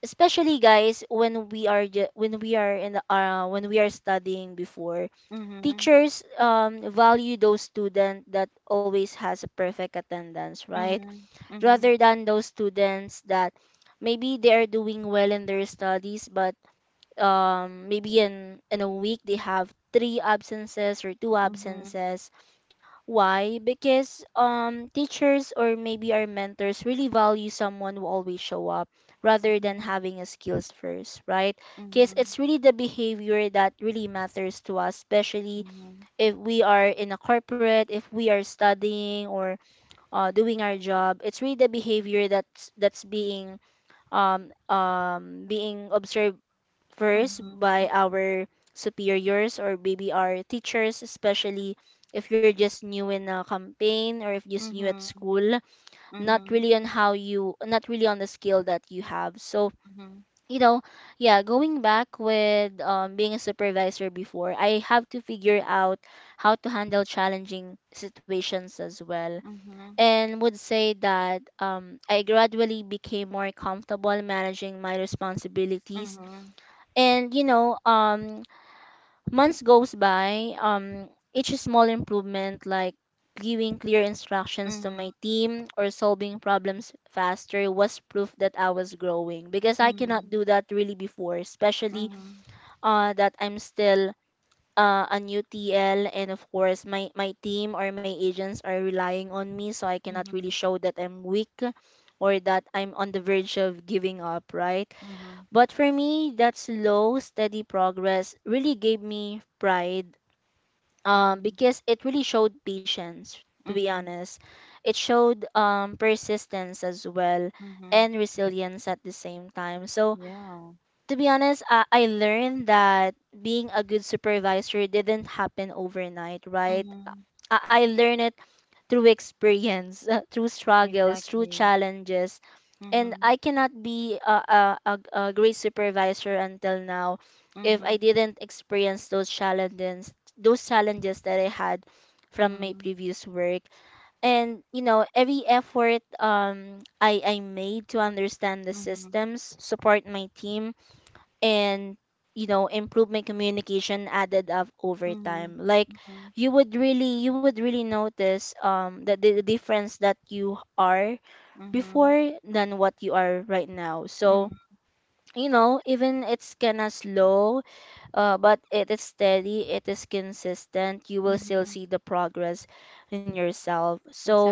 especially guys, when we are in the when we are studying before, Mhm, teachers value those students that always has a perfect attendance, right, mhm, mhm, rather than those students that maybe they are doing well in their studies, but maybe in a week they have three absences or two mhm, absences. Why? Because teachers or maybe our mentors really value someone who always show up, rather than mhm, having a skills first, right? Because mhm, it's really the behavior that really matters to us, especially mhm, if we are in a corporate, if we are studying or doing our job. It's really the behavior that's being being observed first mhm, by mhm, our superiors or maybe our teachers, especially if you're just new in a campaign or if you're just new at mhm, school, not mhm, really on how you, not really on the skill that you have. So mhm, you know, yeah, going back with being a supervisor before, I have to figure out how to handle challenging situations as well. mhm, And would say that I gradually became more comfortable managing my mhm, responsibilities. mhm, And, you know, months goes by. Each small improvement, like giving clear instructions to my mhm, team or solving problems faster, was proof that I was growing, because I cannot mhm, do that really before, especially that I'm still a new TL, and of course my team or my agents are relying on me, so I cannot really mhm, show that I'm weak or that I'm on the verge of giving up, right? But for me, that slow, steady progress really gave me pride, mhm, because it really showed patience, to be mhm, honest. It showed persistence as well, mhm. and resilience at the same time. So Yeah. to be honest, I learned that being a good supervisor didn't happen overnight, right? Mhm. I learned it through experience, [laughs] through struggles, through Exactly. challenges. And Mhm, I cannot be a great supervisor until now if I mhm, didn't experience those challenges that I had from my mhm, previous work. And you know, every effort I made to understand the mhm, systems, support my team, and you know, improve my communication added up over mhm, time. Like, mhm, you would really notice that the difference that you are mhm, before than what you are right now. So mhm, you know, even it's kinda slow, but it is steady, it is consistent, you will still mhm. see the progress in yourself. So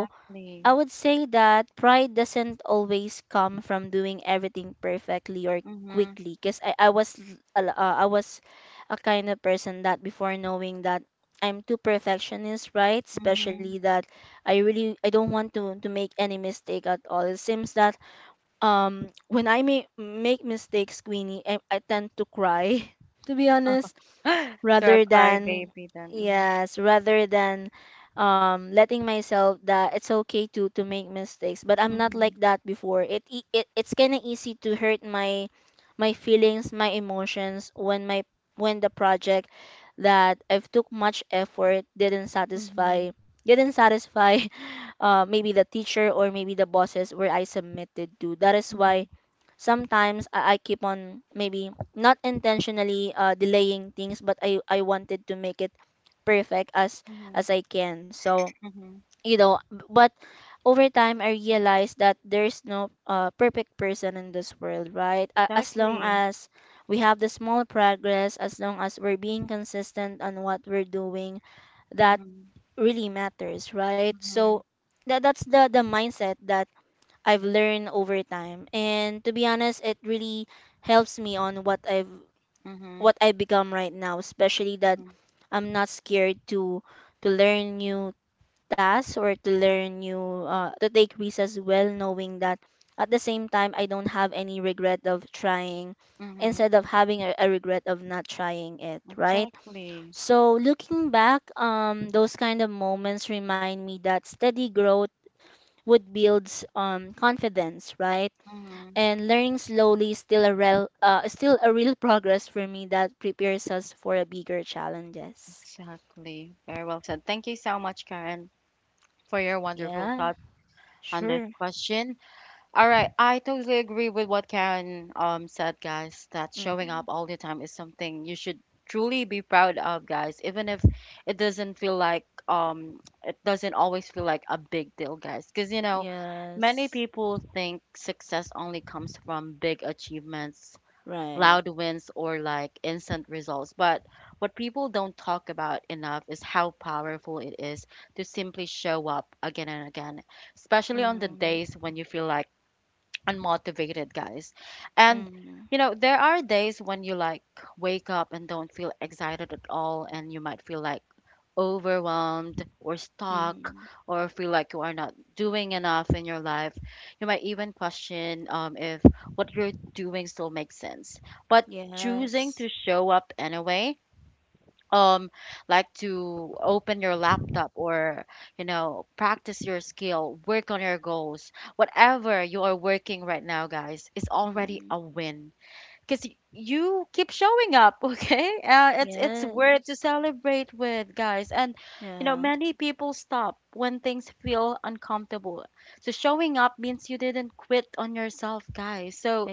I would say that pride doesn't always come from doing everything perfectly or Mhm. quickly, because I was I was a kind of person that, before, knowing that I'm too perfectionist, right? Especially Mhm. that I really, I don't want to make any mistake at all. It seems that when I make mistakes, Queenie, I tend to cry. [laughs] To be honest, [laughs] You're a rather than, crybaby then. Mhm. yes, rather than letting myself that it's okay to make mistakes. But I'm not like Mhm. that before. It it's kind of easy to hurt my my feelings, my emotions, when my, when the project that I've took much effort didn't satisfy, Mhm. didn't satisfy, [laughs] maybe the teacher or maybe the bosses where I submitted to. That is Mhm. why sometimes I keep on, maybe not intentionally, delaying things, but I wanted to make it perfect Mhm. as I can. So Mhm. you know, but over time I realized that there's no perfect person in this world, right? A as long Exactly. as we have the small progress, as long as we're being consistent on what we're doing, that Mhm. really matters, right? Mhm. So that that's the mindset that I've learned over time, and to be honest, it really helps me on what I've, Mhm. what I become right now. Especially that Mhm. I'm not scared to learn new tasks or to learn new to take risks as well, knowing that at the same time I don't have any regret of trying, Mhm. instead of having a regret of not trying it, right? Exactly. So looking back, those kind of moments remind me that steady growth would builds confidence, right? Mhm. And learning slowly is still a real progress for me that prepares us for a bigger challenges. Exactly. Very well said. Thank you so much, Karen, for your wonderful Yeah. thoughts on this Sure. question. All right, I totally agree with what Karen said, guys, that showing Mm-hmm. up all the time is something you should truly be proud of, guys, even if it doesn't always feel like a big deal, guys, because you know, many Yes. people think success only comes from big achievements, Right. loud wins, or, like, instant results, but what people don't talk about enough is how powerful it is to simply show up again and again, especially on the days Mm-hmm. when you feel, like, unmotivated, guys. And Mm-hmm. you know, there are days when you, like, wake up and don't feel excited at all, and you might feel, like, overwhelmed or stuck, Mm-hmm. or feel like you are not doing enough in your life. You might even question if what you're doing still makes sense. But choosing Yes. to show up anyway um like to open your laptop or practice your skill, work on your goals, whatever you are working right now, guys, is already Mm-hmm. a win because you keep showing up [laughs] okay, it's Yes. worth to celebrate with, guys. And Yeah. many people stop when things feel uncomfortable, so showing up means you didn't quit on yourself, guys. So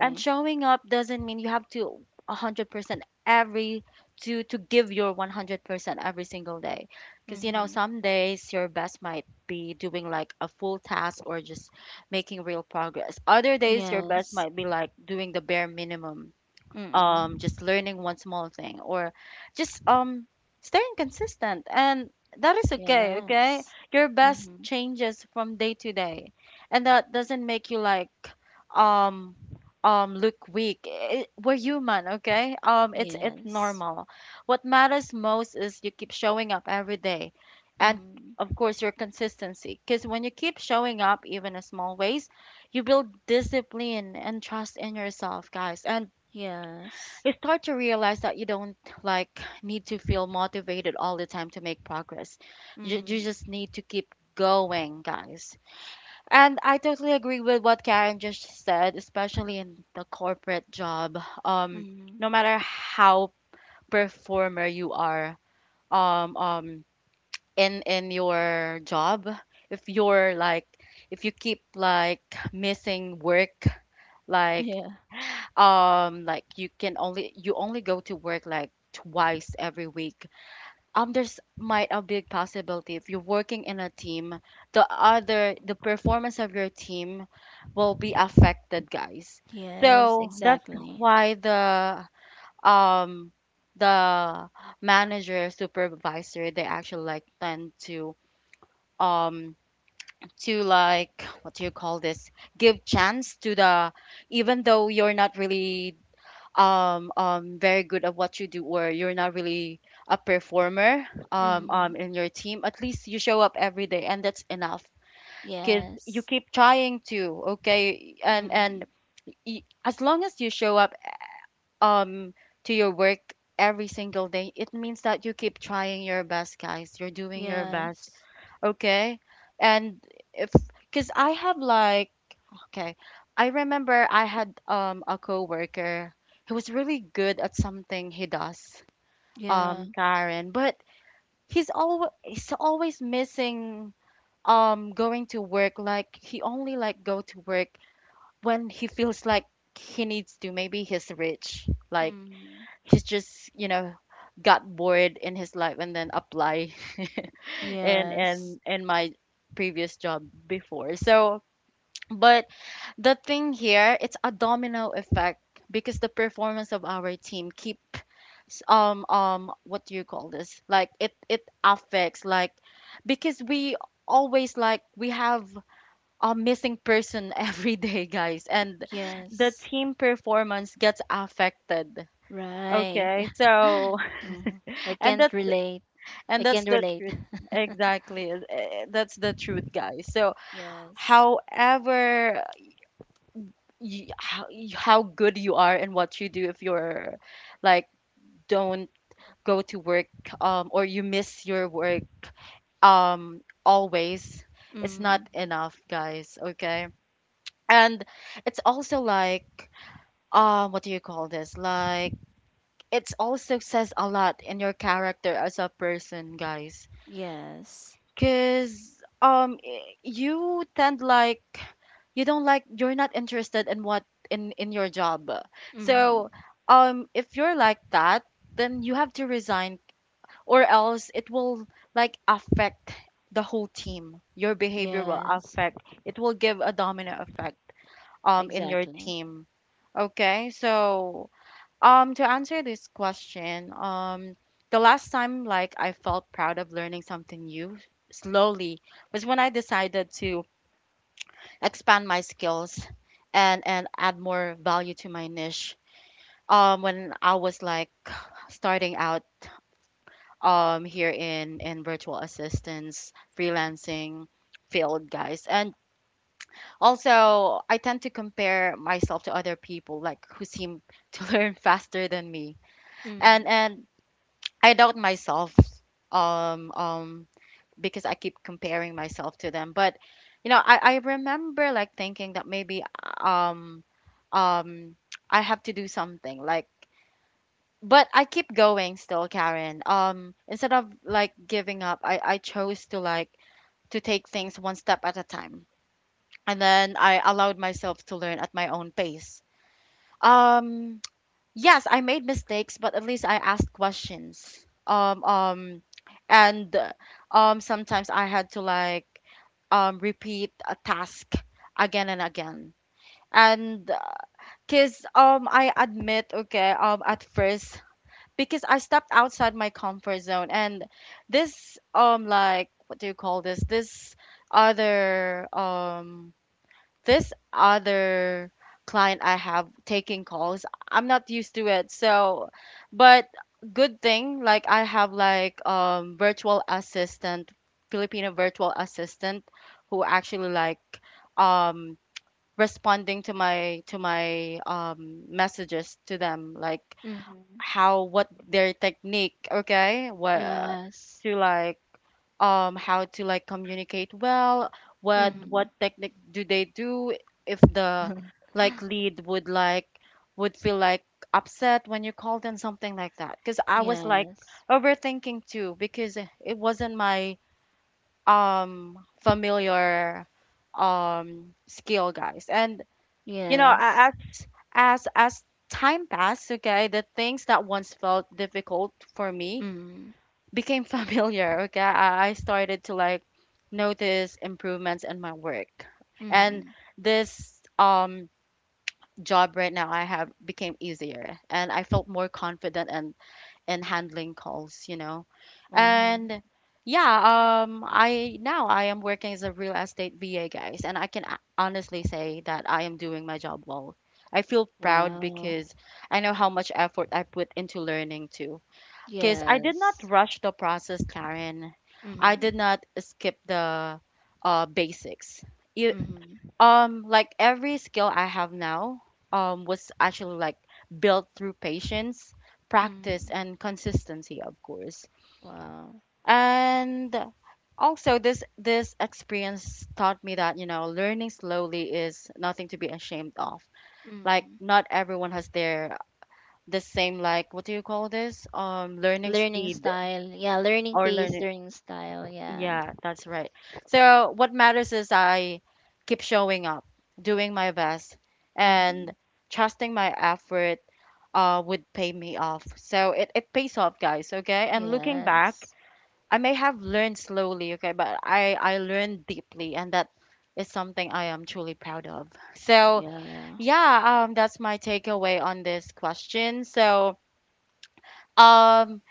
and showing up doesn't mean you have to 100% every to give your 100% every single day. Cuz Mm-hmm. some days your best might be doing like a full task or just making real progress. Other days your best Yes. might be like doing the bare minimum, Mm-hmm. just learning one small thing, or just staying consistent. And that is okay, Yes. okay? Your best Mm-hmm. changes from day to day. And that doesn't make you like um, look weak. I we're human, okay? It's Yes. normal. What matters most is you keep showing up every day. And Mm-hmm. of course, your consistency. Because when you keep showing up, even in small ways, you build discipline and trust in yourself, guys. And Yes. you start to realize that you don't like need to feel motivated all the time to make progress. You Mm-hmm. just need to keep going, guys. And I totally agree with what Karen just said, especially in the corporate job. Um, no Mm-hmm. matter how performer you are, um, um, in your job, if you're like, if you keep like missing work, like like you can only you only go to work like twice every week. There's might a big possibility, if you're working in a team, the other the performance of your team will be affected, guys. Yes, So that's exactly. why um the manager, supervisor, they actually like tend um to like, what do you call this, give chance to the, even though you're not really very good at what you do or you're not really a performer Mm, in your team, at least you show up every day and that's enough because you yes. keep trying to, okay? And, Mm, and y- as long as you show up, um, to your work, every single day, it means that you keep trying your best, guys. You're doing your yeah, best, okay? And if, because I have like, okay. I remember I had a coworker. He was really good at something he does, yeah. Karen, but he's always missing going to work. Like he only like go to work when he feels like he needs to. Maybe he's rich. Like Mm, he's just, you know, got bored in his life and then apply [laughs] in yes, in in my previous job before. So, but the thing here, it's a domino effect, because the performance of our team keep what do you call this, like it affects like, because we always like we have a missing person [laughs] every day, guys, and the yes. team performance gets affected, Right. okay. So [gasps] Mhm. I [laughs] and can't that's relate. and I that's can't the relate. truth. [laughs] Exactly, that's the truth, guys. So Yes. however you- how good you are and what you do, if you're like don't go to work or you miss your work always, it's Mm, not enough, guys, okay? And it's also like what do you call this, like it's also says a lot in your character as a person, guys. yes. Because I- you tend like you don't like you're not interested in what in your job. Mm, So if you're like that, then you have to resign or else it will like affect the whole team. Your behavior will yes. affect. It will give a domino effect in your Exactly. team. Okay? So to answer this question, the last time like I felt proud of learning something new slowly was when I decided to expand my skills and add more value to my niche. When I was like [sighs] starting out here in virtual assistance, freelancing field, guys. And also I tend to compare myself to other people like who seem [laughs] to learn faster than me and Mm, and I doubt myself um um because I keep comparing myself to them. But you know, I remember like thinking that maybe um I have to do something like, but I keep going still, Karen. Instead of like giving up, I chose to like to take things one step at a time. And then I allowed myself to learn at my own pace. Um Yes, I made mistakes, but at least I asked questions. And sometimes I had to like repeat a task again and again. And cause I admit, okay, at first, because I stepped outside my comfort zone. And this like what do you call this? Other um this other client I have, taking calls, I'm not used to it. So, but good thing, like I have like virtual assistant, Filipino virtual assistant, who actually like um responding to my messages to them, like mm, how what their technique, okay, what yes. to like how to like communicate well, Mm, what technique do they do if the [laughs] like lead would like would feel like upset when you called and something like that, because I was like yes. overthinking too because it wasn't my familiar skill, guys. And you know, Yes. a- as time passed, okay, the things that once felt difficult for me Mm, became [laughs] familiar. Okay, I started to like notice improvements in my work, and mm, this job right now I have became easier, and I felt more confident and in handling calls, you know, mm. and yeah, I now I am working as a real estate VA, guys, and I can a- honestly say that I am doing my job well. I feel proud Wow. because I know how much effort I put into learning, too, because I did not Yes. rush the process, Karen. I did Mm, not skip the basics. You, mm. Like every skill I have now, was actually like built through patience, practice, Mm. and consistency, of course. Wow. And also, this experience taught me that, you know, learning slowly is nothing to be ashamed of. Like, Mm. not everyone has their the same, like what do you call this? Learning Learning speed style. Yeah, learning or pace, learning, learning style. Yeah. yeah, that's right. So what matters is I keep showing up, doing my best, and Mm. trusting my effort would pay me off. So it pays off, guys, okay? And looking Yes. back, I may have learned slowly, okay, but I learned deeply, and that is something I am truly proud of. So, Yeah. yeah, that's my takeaway on this question. So, um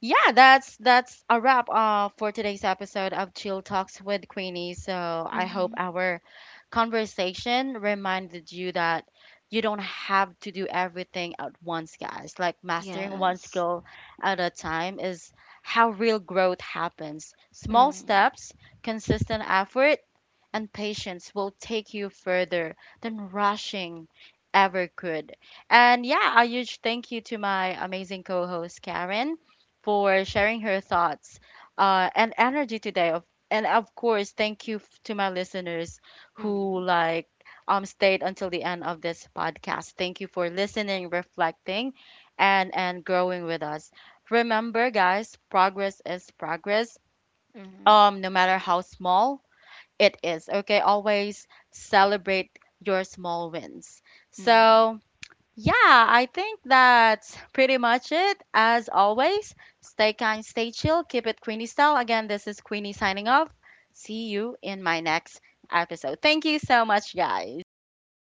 yeah, that's a wrap, for today's episode of Chill Talks with Queenie. So I Mm. hope our conversation reminded you that you don't have to do everything at once, guys. Like mastering one Yes. skill at a time is how real growth happens. Small Mm. steps, consistent effort, and patience will take you further than rushing ever could. And yeah, a huge thank you to my amazing co host, Karen, for sharing her thoughts and energy today. Of- And of course, thank you f- to my listeners who Mm. like, stayed until the end of this podcast. Thank you for listening, reflecting, and growing with us. Remember, guys, progress is progress. Mm. No matter how small, it is, okay? Always celebrate your small wins. Mm. So, yeah, I think that's pretty much it. As always, stay kind, stay chill, keep it Queenie style. Again, this is Queenie signing off. See you in my next episode. Thank you so much, guys. Bye.